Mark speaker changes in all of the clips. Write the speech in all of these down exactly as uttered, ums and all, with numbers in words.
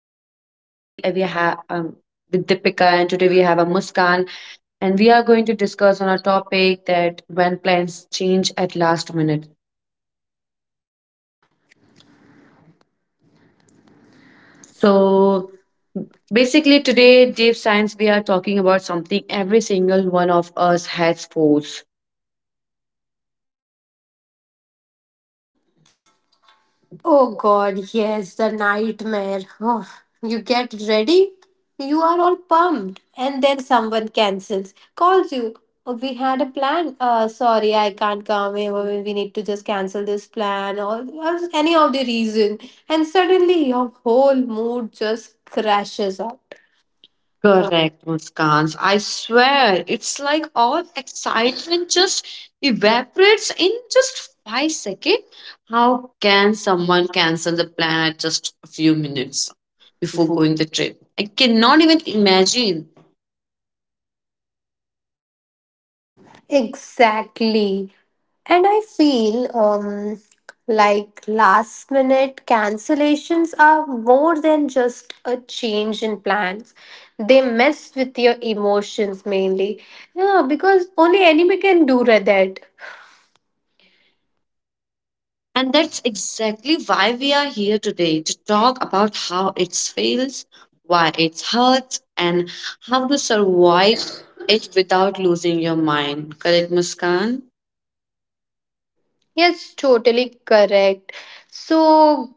Speaker 1: uh, today we uh, we have um, With Deepika, and today we have a Muskan, and we are going to discuss on a topic that when plans change at last minute. So
Speaker 2: So
Speaker 1: basically,
Speaker 2: basically
Speaker 1: today,
Speaker 2: today.
Speaker 1: deep science, we are talking about something every single one of us has for.
Speaker 2: Oh god, yes, the nightmare. Oh, you get ready, you are all pumped, and then someone cancels, calls you. Oh, we had a plan. Uh, sorry, I can't come. Eh, We we need to just cancel this plan or, or any of the reason. And suddenly your whole mood just crashes out.
Speaker 1: Correct, Muskans. I swear, it's like all excitement just evaporates in just five seconds. How can someone cancel the plan at just a few minutes before
Speaker 2: Before.
Speaker 1: going the trip? I cannot even imagine.
Speaker 2: Exactly. And I feel um, like last minute cancellations are more than just a change in plans. They mess with your emotions mainly. Yeah, because only anime can do that.
Speaker 1: And that's exactly why we are here today to talk about how it feels, why it hurts, and how to survive it without losing your mind. Correct, Muskan?
Speaker 2: Yes, totally correct. So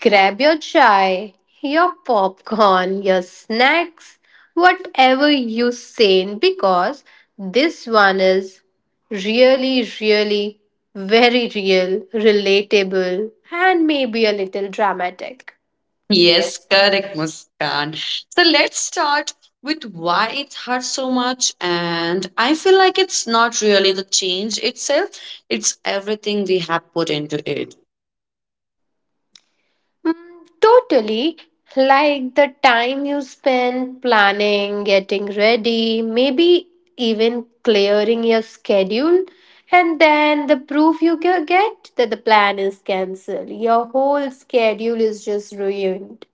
Speaker 2: grab your chai, your popcorn, your snacks, whatever you say, because this one is really, really very real, relatable, and maybe a little dramatic.
Speaker 1: Yes,
Speaker 2: Yes.
Speaker 1: correct, Muskan. So let's start with why it hurts so much. And I feel like it's not really the change itself, it's everything we have put into it.
Speaker 2: Mm, totally. Like the time you spend planning, getting ready, maybe even clearing your schedule. And then the proof you ge- get that the plan is cancelled. Your whole schedule is just ruined.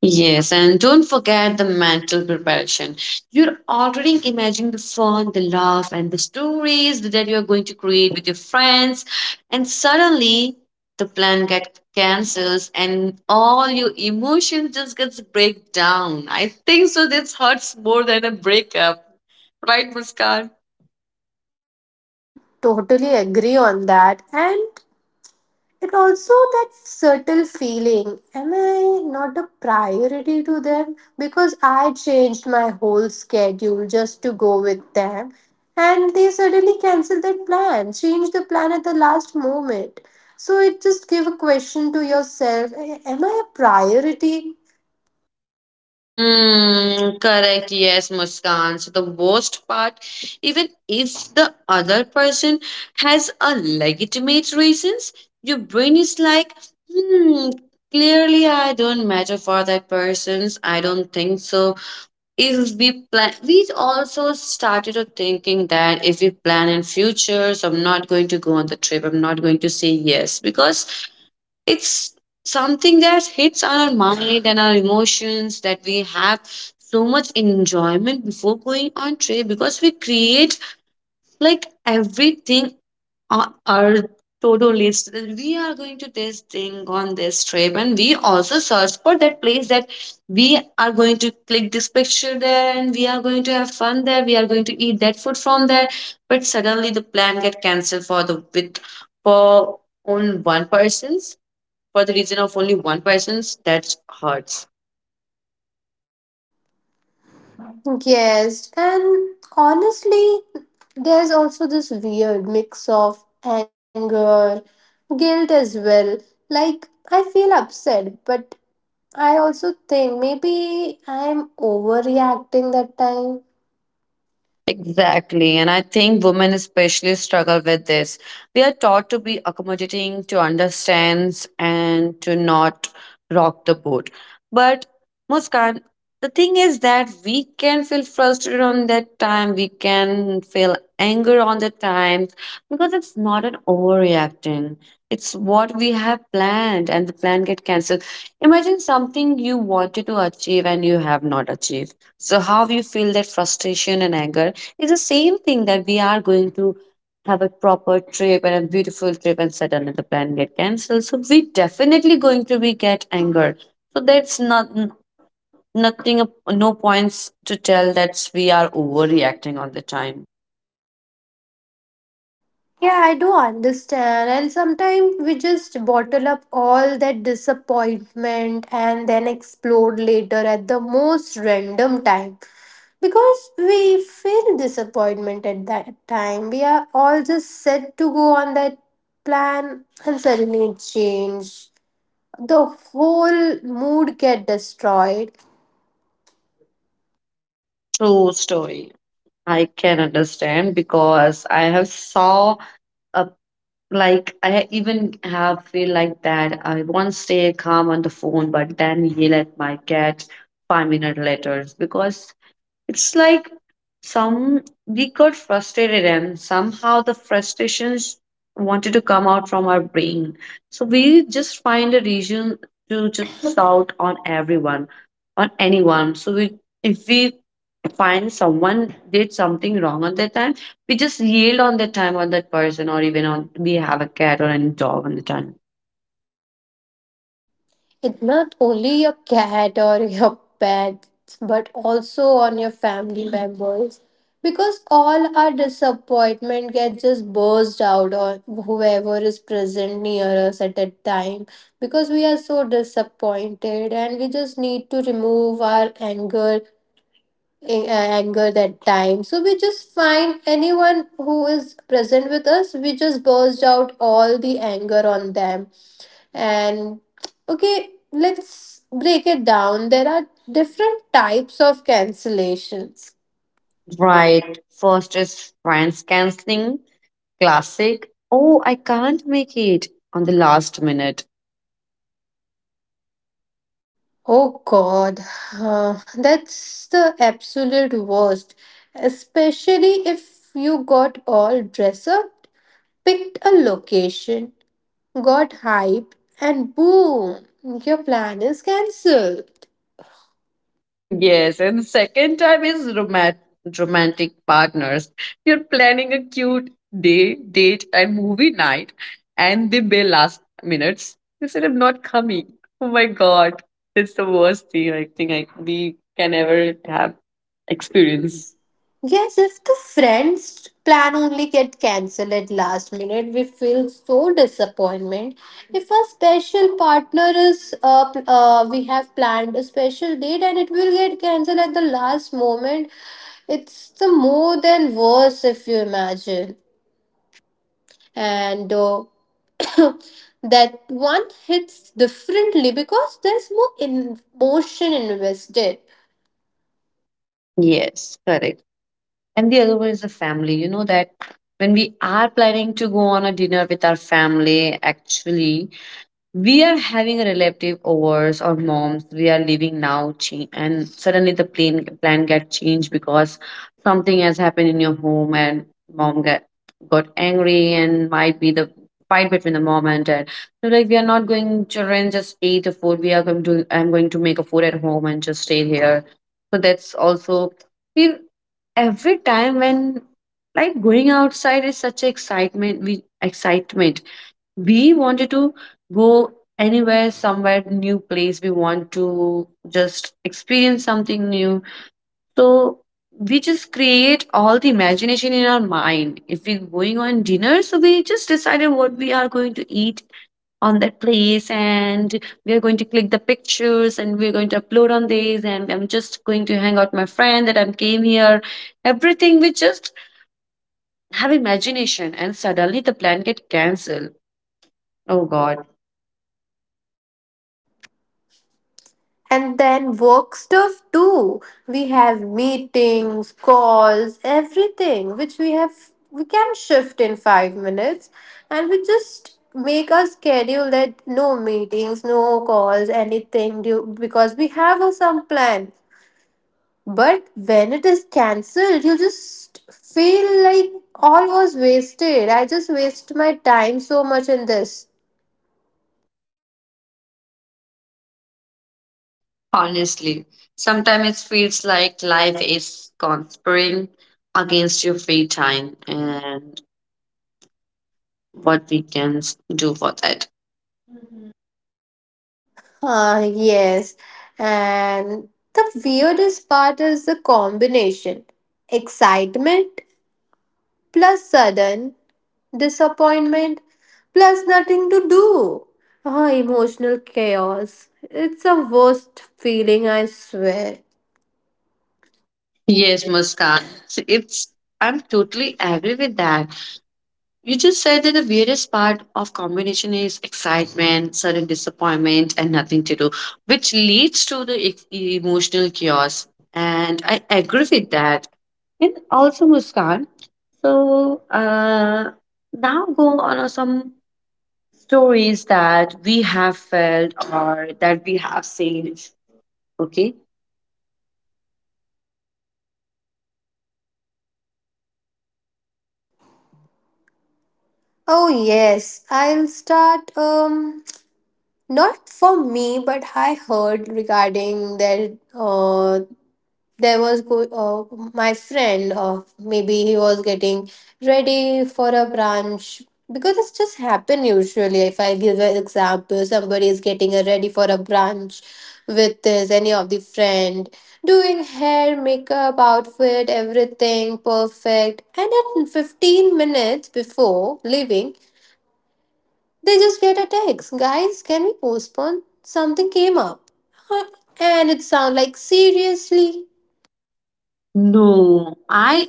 Speaker 1: Yes, and don't forget the mental preparation. You're already imagining the fun, the laugh, and the stories that you're going to create with your friends, and suddenly the plan gets cancels and all your emotion just gets break down. I think so. This hurts more than a breakup, right, Muskan?
Speaker 2: Totally agree on that. And And also that subtle feeling, am I not a priority to them? Because I changed my whole schedule just to go with them. And they suddenly cancel that plan, change the plan at the last moment. So it just give a question to yourself, am I a priority?
Speaker 1: Hmm, correct. Yes, Muskan. So the worst part, even if the other person has a legitimate reasons, your brain is like, hmm, clearly I don't matter for that person's. I don't think so. If we plan, we also started to thinking that if we plan in future, so I'm not going to go on the trip. I'm not going to say yes because it's something that hits our mind and our emotions that we have so much enjoyment before going on trip because we create like everything on our to-do list that we are going to this thing on this trip, and we also search for that place that we are going to click this picture there and we are going to have fun there, we are going to eat that food from there. But suddenly the plan get cancelled for the with for on one person's, for the reason of only one person, that hurts.
Speaker 2: Yes. And honestly, there's also this weird mix of anger, guilt as well. Like I feel upset, but I also think maybe I'm overreacting that time.
Speaker 1: Exactly. And I think women especially struggle with this. We are taught to be accommodating, to understand, and to not rock the boat. But Muskan, the thing is that we can feel frustrated on that time, we can feel anger on the time because it's not an overreacting. It's what we have planned and the plan get cancelled. Imagine something you wanted to achieve and you have not achieved. So how you feel that frustration and anger, it's the same thing that we are going to have a proper trip and a beautiful trip and suddenly the plan get cancelled. So we definitely going to be get anger. So that's not nothing of- no points to tell that we are overreacting all the time.
Speaker 2: Yeah, I do understand. And sometimes we just bottle up all that disappointment and then explode later at the most random time. Because we feel disappointment at that time. We are all just set to go on that plan and suddenly it changed. The whole mood get destroyed.
Speaker 1: True story. I can understand because I have saw a like I ha- even have feel like that. I once stay calm on the phone, but then yell at my cat five minutes later because it's like some we got frustrated and somehow the frustrations wanted to come out from our brain. So we just find a reason to just shout on everyone, on anyone. So we, if we find someone did something wrong on that time, we just yelled on that time on that person, or even on we have a cat or any dog on the time.
Speaker 2: It's not only your cat or your pets, but also on your family members. Because all our disappointment gets just burst out on whoever is present near us at that time. Because we are so disappointed and we just need to remove our anger a- anger that time. So we just find anyone who is present with us, we just burst out all the anger on them, and okay, let's break it down. There are different types of cancellations.
Speaker 1: Right. First is friends canceling, classic. Oh, I can't make it on the last minute.
Speaker 2: Oh God, uh, that's the absolute worst. Especially if you got all dressed up, picked a location, got hyped, and boom, your plan is cancelled.
Speaker 1: Yes, and the second time is romat- romantic partners. You're planning a cute day, date, and movie night, and they bail last minutes. They said, I'm not coming. Oh my God. It's the worst thing I think I, we can ever have experience.
Speaker 2: Yes, if the friends plan only get cancelled at last minute, we feel so disappointment. If a special partner is uh, pl- uh we have planned a special date and it will get cancelled at the last moment, it's the more than worse if you imagine. And uh, that one hits differently because there's more emotion invested.
Speaker 1: Yes, correct. And the other one is the family. You know that when we are planning to go on a dinner with our family, actually, we are having a relative overs or moms we are leaving now change, and suddenly the plan plan get changed because something has happened in your home and mom get got angry, and might be the fight between the mom and dad. So like we are not going, children just eat a food, we are going to, I'm going to make a food at home and just stay here. So that's also, we every time when, like, going outside is such excitement, we excitement we wanted to go anywhere, somewhere new place, we want to just experience something new. So we just create all the imagination in our mind. If we're going on dinner, so we just decided what we are going to eat on that place, and we are going to click the pictures, and we're going to upload on these, and I'm just going to hang out with my friend that I came here. Everything we just have imagination and suddenly the plan get cancelled. Oh god.
Speaker 2: And then work stuff too. We have meetings, calls, everything which we have we can shift in five minutes, and we just make a schedule that no meetings, no calls, anything due, because we have a, some plan. But when it is cancelled, you just feel like all was wasted. I just waste my time so much in this.
Speaker 1: Honestly, sometimes it feels like life is conspiring against your free time and what we can s- do for that.
Speaker 2: Uh, yes, and the weirdest part is the combination excitement plus sudden disappointment plus nothing to do. Oh, emotional chaos. It's a worst feeling, I swear.
Speaker 1: Yes, Muskan, so it's, I'm totally agree with that. You just said that the weirdest part of combination is excitement, sudden disappointment, and nothing to do, which leads to the e- emotional chaos. And I agree with that. And also Muskan. So uh, Now go on uh, some stories that we have felt or that we have seen. Okay.
Speaker 2: Oh, yes, I'll start. Um, not for me, but I heard regarding that. Uh, there was go- uh, my friend uh, maybe he was getting ready for a brunch, because it's just happen usually if I give an example somebody is getting a ready for a brunch with his any of the friend, doing hair makeup outfit everything perfect, and at fifteen minutes before leaving they just get a text, guys can we postpone something came up. Huh? And it sound like seriously.
Speaker 1: No, I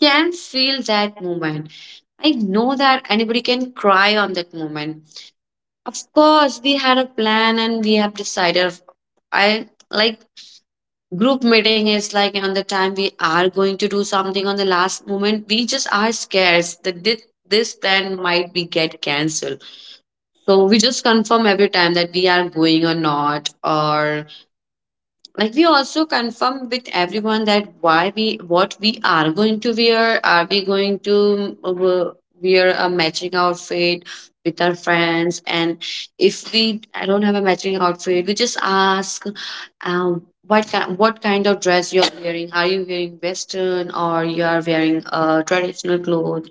Speaker 1: can feel that moment. I know that anybody can cry on that moment. Of course, we had a plan and we have decided. I like, group meeting is like on the time we are going to do something on the last moment. We just are scared that thi- this plan might be get cancelled. So we just confirm every time that we are going or not, or like we also confirm with everyone that why we, what we are going to wear, are we going to uh, wear a matching outfit with our friends. And if we, I don't have a matching outfit, we just ask um, what kind, what kind of dress you are wearing, are you wearing western or you are wearing uh, traditional clothes.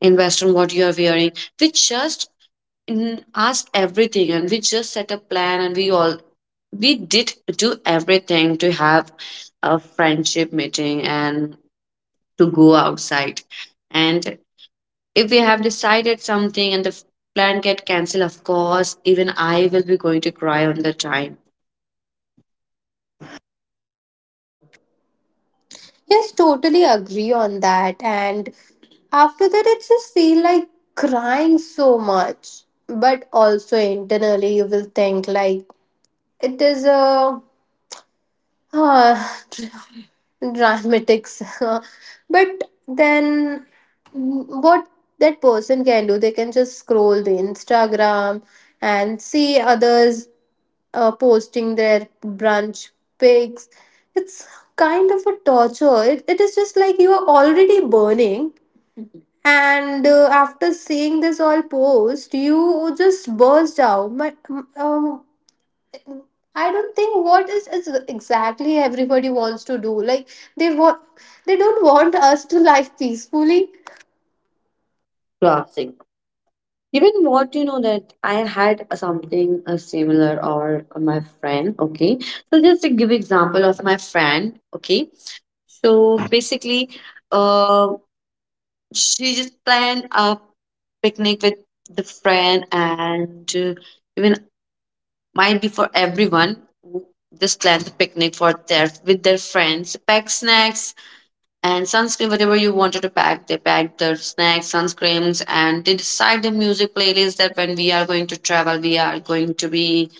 Speaker 1: In western what you are wearing, we just mm, ask everything, and we just set a plan, and we all, we did do everything to have a friendship meeting and to go outside. And if we have decided something and the f- plan get cancelled, of course even I will be going to cry on the time.
Speaker 2: Yes, totally agree on that. And after that, it just feel like crying so much. But also internally, you will think like it is a uh, dramatic. But then, mm, what that person can do, they can just scroll the Instagram and see others uh, posting their brunch pics. It's kind of a torture. It, it is just like you are already burning, and uh, after seeing this all post, you just burst out. But um, I don't think what is, is exactly everybody wants to do. Like they want, they don't want us to live peacefully.
Speaker 1: Classic. Even what you know that I had something uh, similar or my friend. Okay, so just to give example of my friend. Okay, so basically, um. She just planned a picnic with the friend, and uh, even might be for everyone who just planned the picnic for their, with their friends, pack snacks and sunscreen, whatever you wanted to pack, they packed their snacks, sunscreens, and they decide the music playlist that when we are going to travel, we are going to be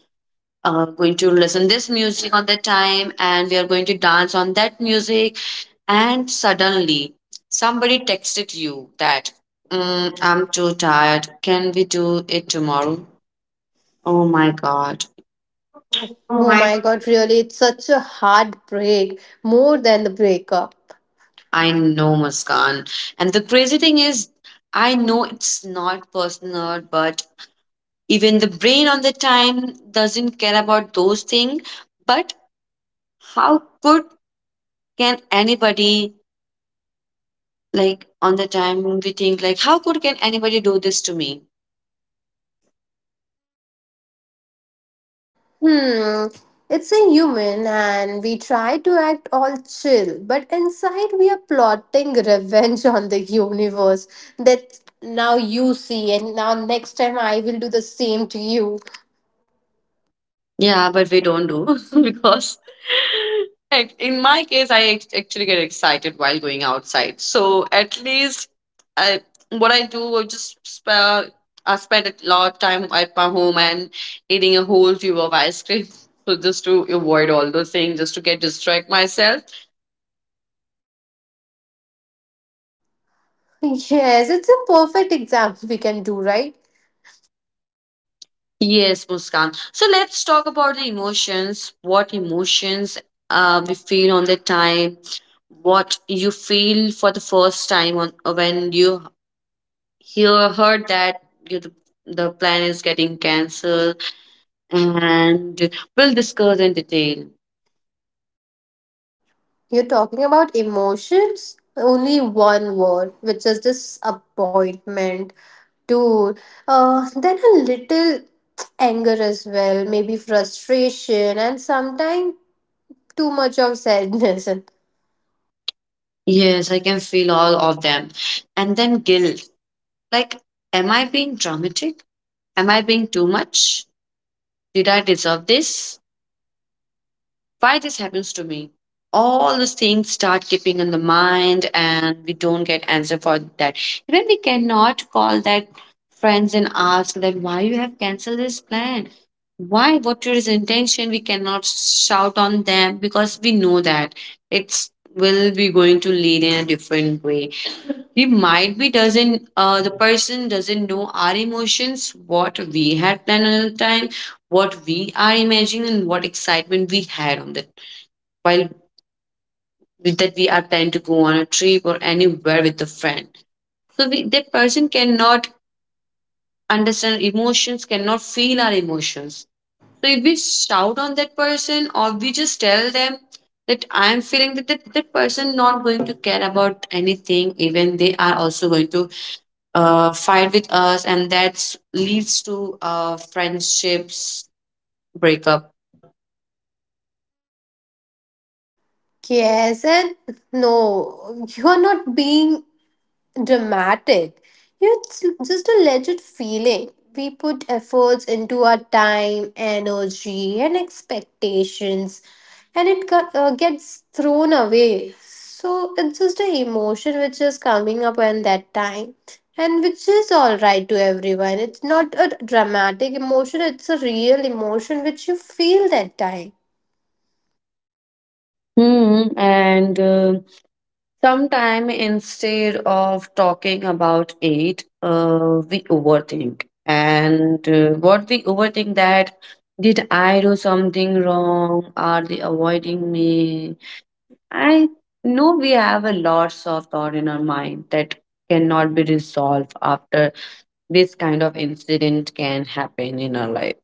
Speaker 1: uh, going to listen this music on that time, and we are going to dance on that music. And suddenly, somebody texted you that, "Mm, I'm too tired. Can we do it tomorrow?" Oh my God.
Speaker 2: Oh,
Speaker 1: Oh
Speaker 2: oh
Speaker 1: my
Speaker 2: my
Speaker 1: god.
Speaker 2: God! Really, it's such a heartbreak more than the breakup.
Speaker 1: I know, Muskan. And the crazy thing is, I know it's not personal, but even the brain on the time doesn't care about those things. But how could can anybody, like on the time we think like, how could can anybody do this to me?
Speaker 2: Hmm, it's a human and we try to act all chill, but inside we are plotting revenge on the universe that now you see, and now next time I will do the same to you.
Speaker 1: Yeah, but we don't do because like, in my case, I act- actually get excited while going outside. So at least I, what I do, I just spend, I spend a lot of time at my home and eating a whole tube of ice cream. So just to avoid all those things, just to get distract myself.
Speaker 2: Yes, it's a perfect example we can do, right?
Speaker 1: Yes, Muskan. So let's talk about the emotions. What emotions uh, we feel on the time? What you feel for the first time on when you he heard that you the, the plan is getting cancelled, and we'll discuss in detail.
Speaker 2: You're talking about emotions, only one word, which is disappointment, dude. Uh, then a little anger as well, maybe frustration, and sometimes too much of sadness and
Speaker 1: Yes, I can feel all of them. And then guilt. Like, am I being dramatic? Am I being too much? Did I deserve this? Why this happens to me? All these things start keeping in the mind, and we don't get answer for that. Even we cannot call that friends and ask that why you have canceled this plan. Why? What is intention? We cannot shout on them because we know that it's will be going to lead in a different way. We might be doesn't, uh, the person doesn't know our emotions, what we had planned at the time, what we are imagining, and what excitement we had on the while that we are planning to go on a trip or anywhere with a friend. So we, that person cannot understand emotions, cannot feel our emotions. So if we shout on that person or we just tell them that I am feeling that that, that person not going to care about anything, even they are also going to uh, fight with us, and that leads to uh, friendships breakup.
Speaker 2: yes and no, you're not being dramatic, it's just a legit feeling. We put efforts into our time energy and expectations, and it got, uh, gets thrown away, so it's just an emotion which is coming up at that time, and which is all right to everyone. It's not a dramatic emotion, it's a real emotion which you feel that time.
Speaker 1: Hmm, and uh, Sometime instead of talking about it, uh, we overthink. And uh, what we overthink that did I do something wrong? Are they avoiding me? I know we have a lots of thought in our mind that cannot be resolved after this kind of incident can happen in our life.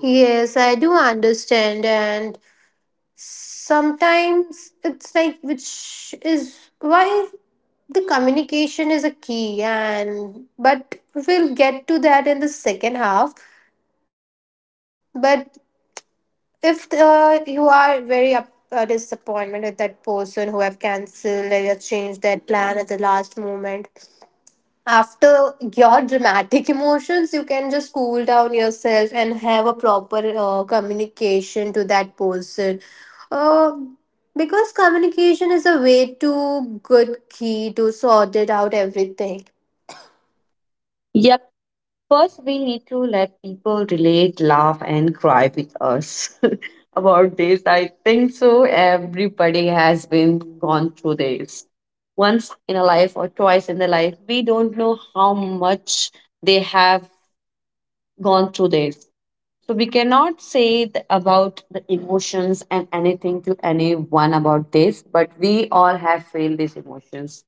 Speaker 2: Yes, I do understand, and sometimes it's like, which is why the communication is a key, and but we'll get to that in the second half. But if the, you are very up, uh, disappointment with that person who have cancelled or changed their plan at the last moment, after your dramatic emotions you can just cool down yourself and have a proper uh, communication to that person, uh, because communication is a way to good key to sort it out everything.
Speaker 1: Yep. First, we need to let people relate, laugh, and cry with us about this. I think so. Everybody has been gone through this once in a life or twice in their life. We don't know how much they have gone through this. So, we cannot say th- about the emotions and anything to anyone about this, but we all have felt these emotions.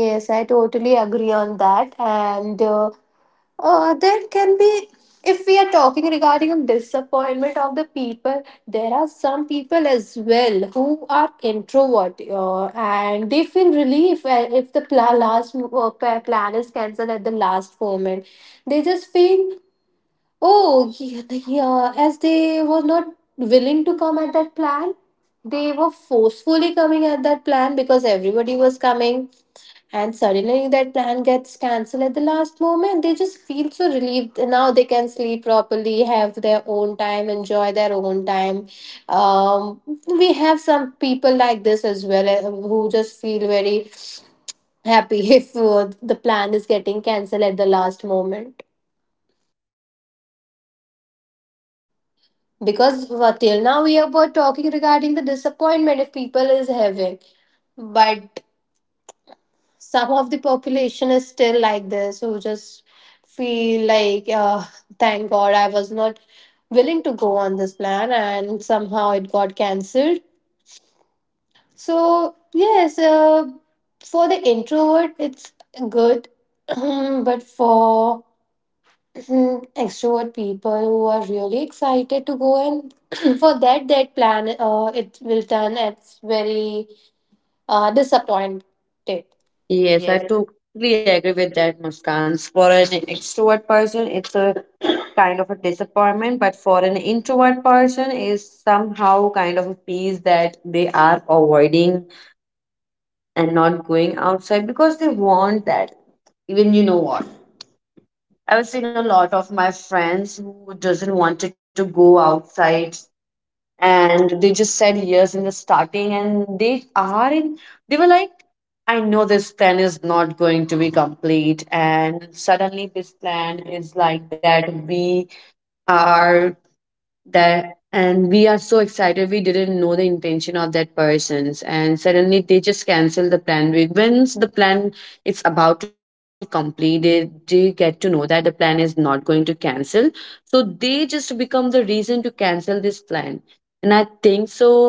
Speaker 2: Yes, I totally agree on that, and uh, Uh, there can be, if we are talking regarding of disappointment of the people, there are some people as well who are introvert uh, and they feel relief when- if the pla- last uh, pa- plan is cancelled at the last moment. They just feel, oh, yeah, yeah, as they were not willing to come at that plan, they were forcefully coming at that plan because everybody was coming, and suddenly that plan gets cancelled at the last moment. They just feel so relieved. Now they can sleep properly, have their own time, enjoy their own time. Um, we have some people like this as well eh, who just feel very happy if uh, the plan is getting cancelled at the last moment. Because uh, till now we were talking regarding the disappointment if people is having, but some of the population is still like this who just feel like uh, thank god I was not willing to go on this plan and somehow it got cancelled. So yes, uh, for the introvert it's good, but for extrovert people who are really excited to go and for that that plan, uh, it will turn as very uh, disappointed.
Speaker 1: Yes, I
Speaker 2: Yes.
Speaker 1: totally agree with that, Muskans. For an extrovert person, it's a kind of a disappointment, but for an introvert person, is somehow kind of a peace that they are avoiding and not going outside because they want that. Even you know what? I've seen a lot of my friends who doesn't wanted to go outside and they just said yes in the starting and they are in they were like I know this plan is not going to be complete and suddenly this plan is like that we are that and we are so excited, we didn't know the intention of that persons and suddenly they just cancel the plan. We- once the plan it's about to complete, they, they get to know that the plan is not going to cancel, so they just become the reason to cancel this plan. And I think so,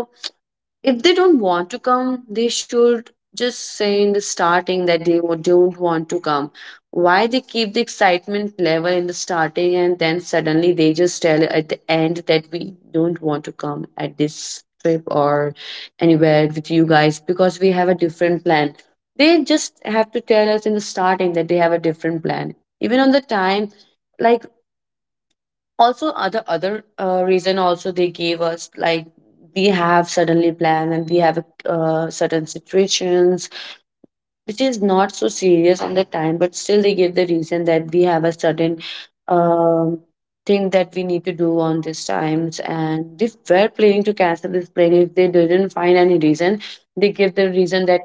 Speaker 1: if they don't want to come they should just say in the starting that they wa- don't want to come. Why they keep the excitement level in the starting and then suddenly they just tell at the end that we don't want to come at this trip or anywhere with you guys because we have a different plan. They just have to tell us in the starting that they have a different plan. Even on the time, like, also other other uh, reason also they gave us like we have suddenly plan and we have a uh, certain situations which is not so serious on the time, but still they give the reason that we have a certain um, thing that we need to do on these times. And if we're planning to cancel this plane if they didn't find any reason. They give the reason that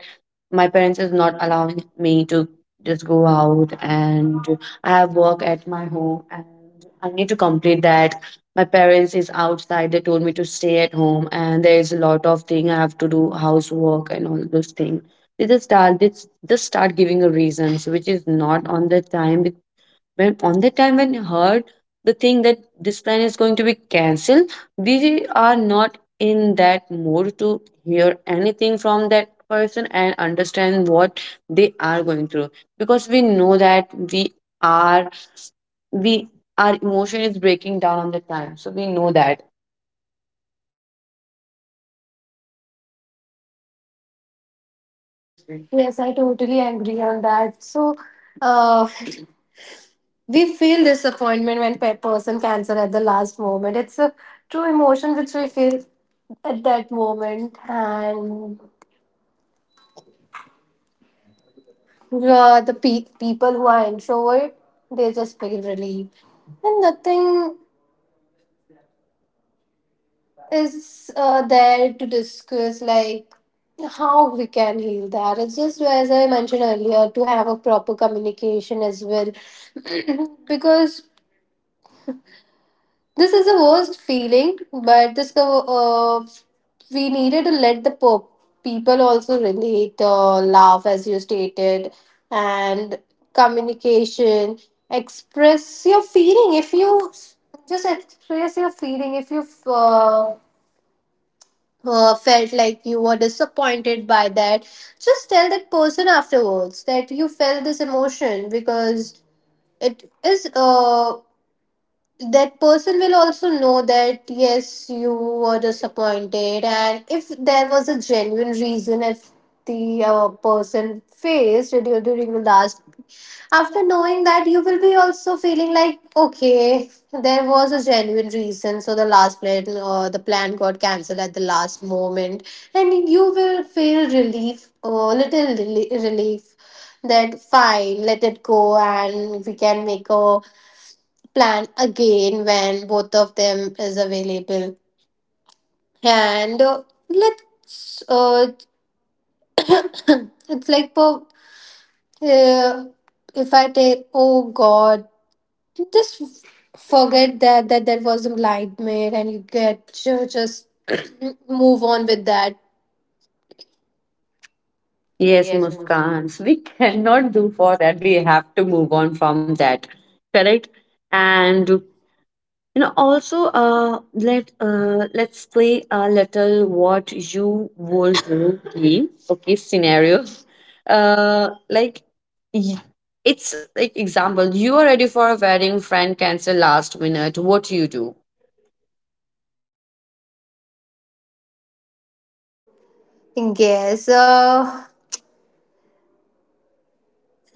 Speaker 1: my parents is not allowing me to just go out, and I have work at my home and I need to complete that. My parents is outside. They told me to stay at home and there is a lot of thing I have to do, housework and all those things. They just start they just start giving a reasons which is not on the time. Be- when on the time when you heard the thing that this plan is going to be cancelled, we are not in that mode to hear anything from that person and understand what they are going through, because we know that we are we our emotion is breaking down on the time, so we know that.
Speaker 2: Yes, I totally agree on that. So, uh, we feel disappointment when a person cancel at the last moment. It's a true emotion which we feel at that moment, and uh, the pe- people who are introvert, they just feel relief, and nothing is uh, there to discuss like how we can heal that. It's just as I mentioned earlier to have a proper communication as well, because this is the worst feeling, but this uh, we needed to let the po- people also relate, uh, laugh as you stated, and communication, express your feeling. If you just express your feeling, if you uh, uh, felt like you were disappointed by that, just tell that person afterwards that you felt this emotion because it is. Uh, that person will also know that yes you were disappointed, and if there was a genuine reason, if the uh, person faced du- during the last, after knowing that you will be also feeling like okay there was a genuine reason, so the last plan, uh, the plan got cancelled at the last moment and you will feel relief, a little reli- relief, that fine let it go and we can make a plan again when both of them is available. And uh, let's, uh, it's like, po- uh, if I take, oh God, just f- forget that that there was a nightmare, and you get to just move on with that.
Speaker 1: Yes,
Speaker 2: Yes, most.
Speaker 1: Muskans, we cannot do for that. We have to move on from that, correct? And you know, also, uh, let uh, let's play a little what you would do game, okay? Scenario, uh, like, y- it's like example. You are ready for a wedding, friend cancel last minute. What do you do?
Speaker 2: Yes. Uh,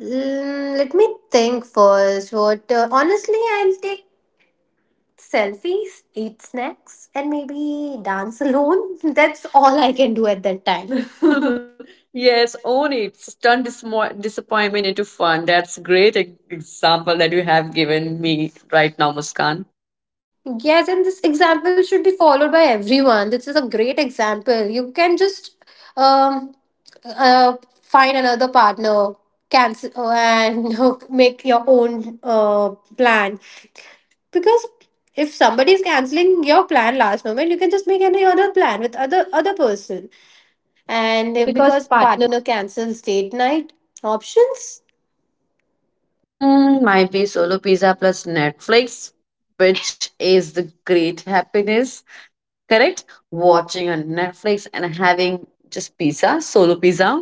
Speaker 2: mm, let me think first. What? Uh, honestly, I'll take selfies, eat snacks, and maybe dance alone. That's all I can do at that time.
Speaker 1: Yes, own it. Turn dismo- disappointment into fun. That's great e- example that you have given me right now, Muskan.
Speaker 2: Yes, and this example should be followed by everyone. This is a great example. You can just um, uh, find another partner, cancel, uh, and make your own uh, plan. Because if somebody is canceling your plan last moment, you can just make any other plan with other other person. And uh, because partner cancels date night options,
Speaker 1: Hmm, might be solo pizza plus Netflix, which is the great happiness. Correct?
Speaker 2: watching.
Speaker 1: Watching on Netflix and having just pizza, solo pizza.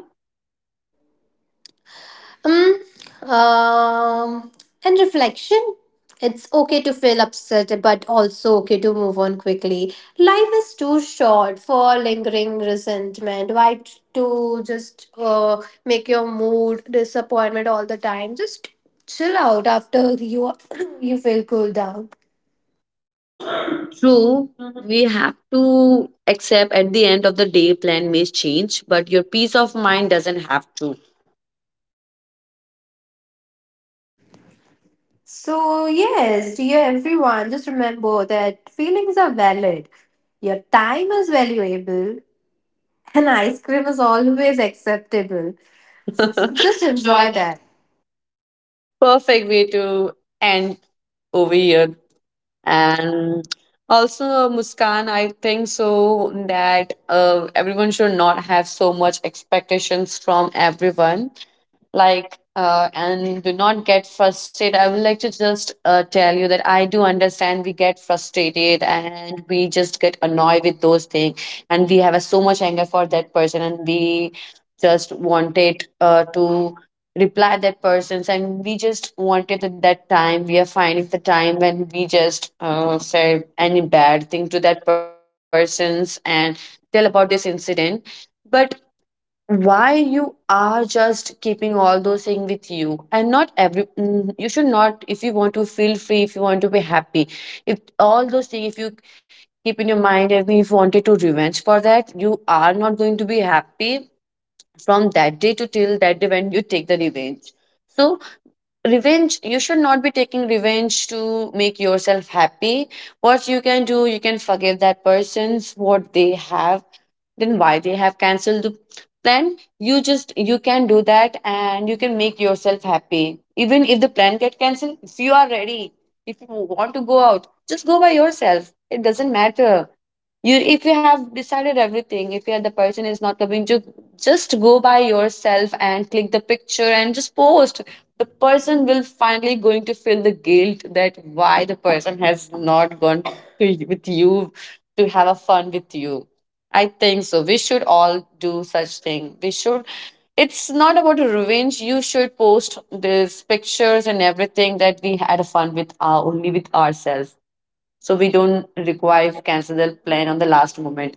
Speaker 2: Um, um, and reflection. It's okay to feel upset, but also okay to move on quickly. Life is too short for lingering resentment. Why t- to just uh, make your mood disappointment all the time? Just chill out after you you feel cool down.
Speaker 1: True. Mhm. We have to accept at the end of the day, plan may change, but your peace of mind doesn't have to.
Speaker 2: So, yes, dear everyone, just remember that feelings are valid. Your time is valuable, and ice cream is always acceptable. Just
Speaker 1: Enjoy
Speaker 2: enjoy
Speaker 1: that.
Speaker 2: that.
Speaker 1: Perfect way to end over here. And also, Muskan, I think so that uh, everyone should not have so much expectations from everyone, like, uh, and do not get frustrated. I would like to just uh, tell you that I do understand we get frustrated and we just get annoyed with those things, and we have a so much anger for that person, and we just wanted uh, to reply that person, and we just wanted at that time we are finding the time when we just uh, say any bad thing to that person's and tell about this incident. But why you are just keeping all those things with you and not every mm, you should not. If you want to feel free, if you want to be happy, if all those things if you keep in your mind, and if you wanted to revenge for that, you are not going to be happy from that day to till that day when you take the revenge. So revenge, you should not be taking revenge to make yourself happy. What you can do, you can forgive that person's what they have, then why they have cancelled the plan. You just you can do that and you can make yourself happy. Even if the plan get cancelled, if you are ready, if you want to go out, just go by yourself, it doesn't matter. You if you have decided everything, if you're the person is not coming to, just go by yourself and click the picture and just post. The person will finally going to feel the guilt that why the person has not gone to, with you, to have a fun with you. I think so we should all do such thing. We should, it's not about revenge, you should post these pictures and everything that we had a fun with our only with ourselves, so we don't require to cancel the plan on the last moment.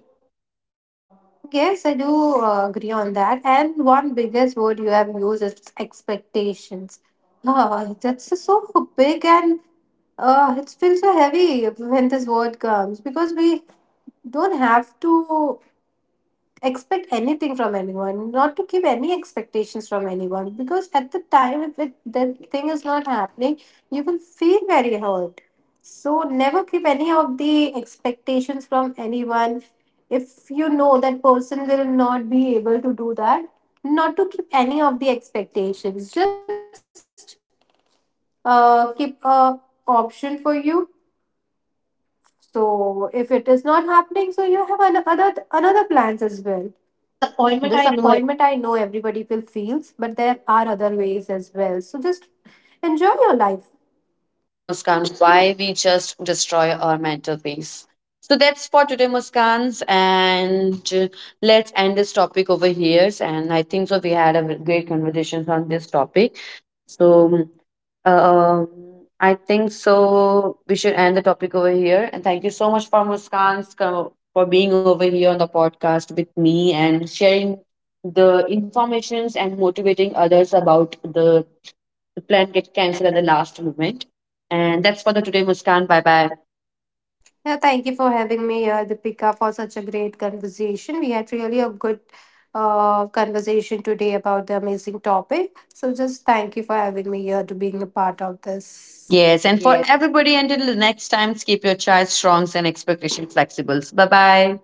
Speaker 2: Yes, I do uh, agree on that. And one biggest word you have used is expectations. Oh, that's just so big and uh, it feels so heavy when this word comes because we don't have to expect anything from anyone, not to keep any expectations from anyone, because at the time, if it, that thing is not happening, you will feel very hurt. So, never keep any of the expectations from anyone. If you know that person will not be able to do that, not to keep any of the expectations, just uh, keep a option for you. So, if it is not happening, so you have another another plans as well.
Speaker 1: Disappointment, I know.
Speaker 2: Disappointment I know everybody will feels, but there are other ways as well, so just enjoy your life.
Speaker 1: Correct, Muskan. Why we just destroy our mental peace. So that's for today, Muskans, and uh, let's end this topic over here. And I think so we had a great conversations on this topic. So, uh, um, I think so. We should end the topic over here. And thank you so much for Muskan for being over here on the podcast with me and sharing the informations and motivating others about the, the plan get cancelled at the last moment. And that's for the today, Muskan. Bye bye.
Speaker 2: Yeah, thank you for having me here Deepika for such a great conversation. We had really a good uh, conversation today about the amazing topic, so just thank you for having me here to being a part of this.
Speaker 1: Yes, and for
Speaker 2: Yeah.
Speaker 1: everybody, until the next time, keep your choice strong and expectation flexible. Bye bye.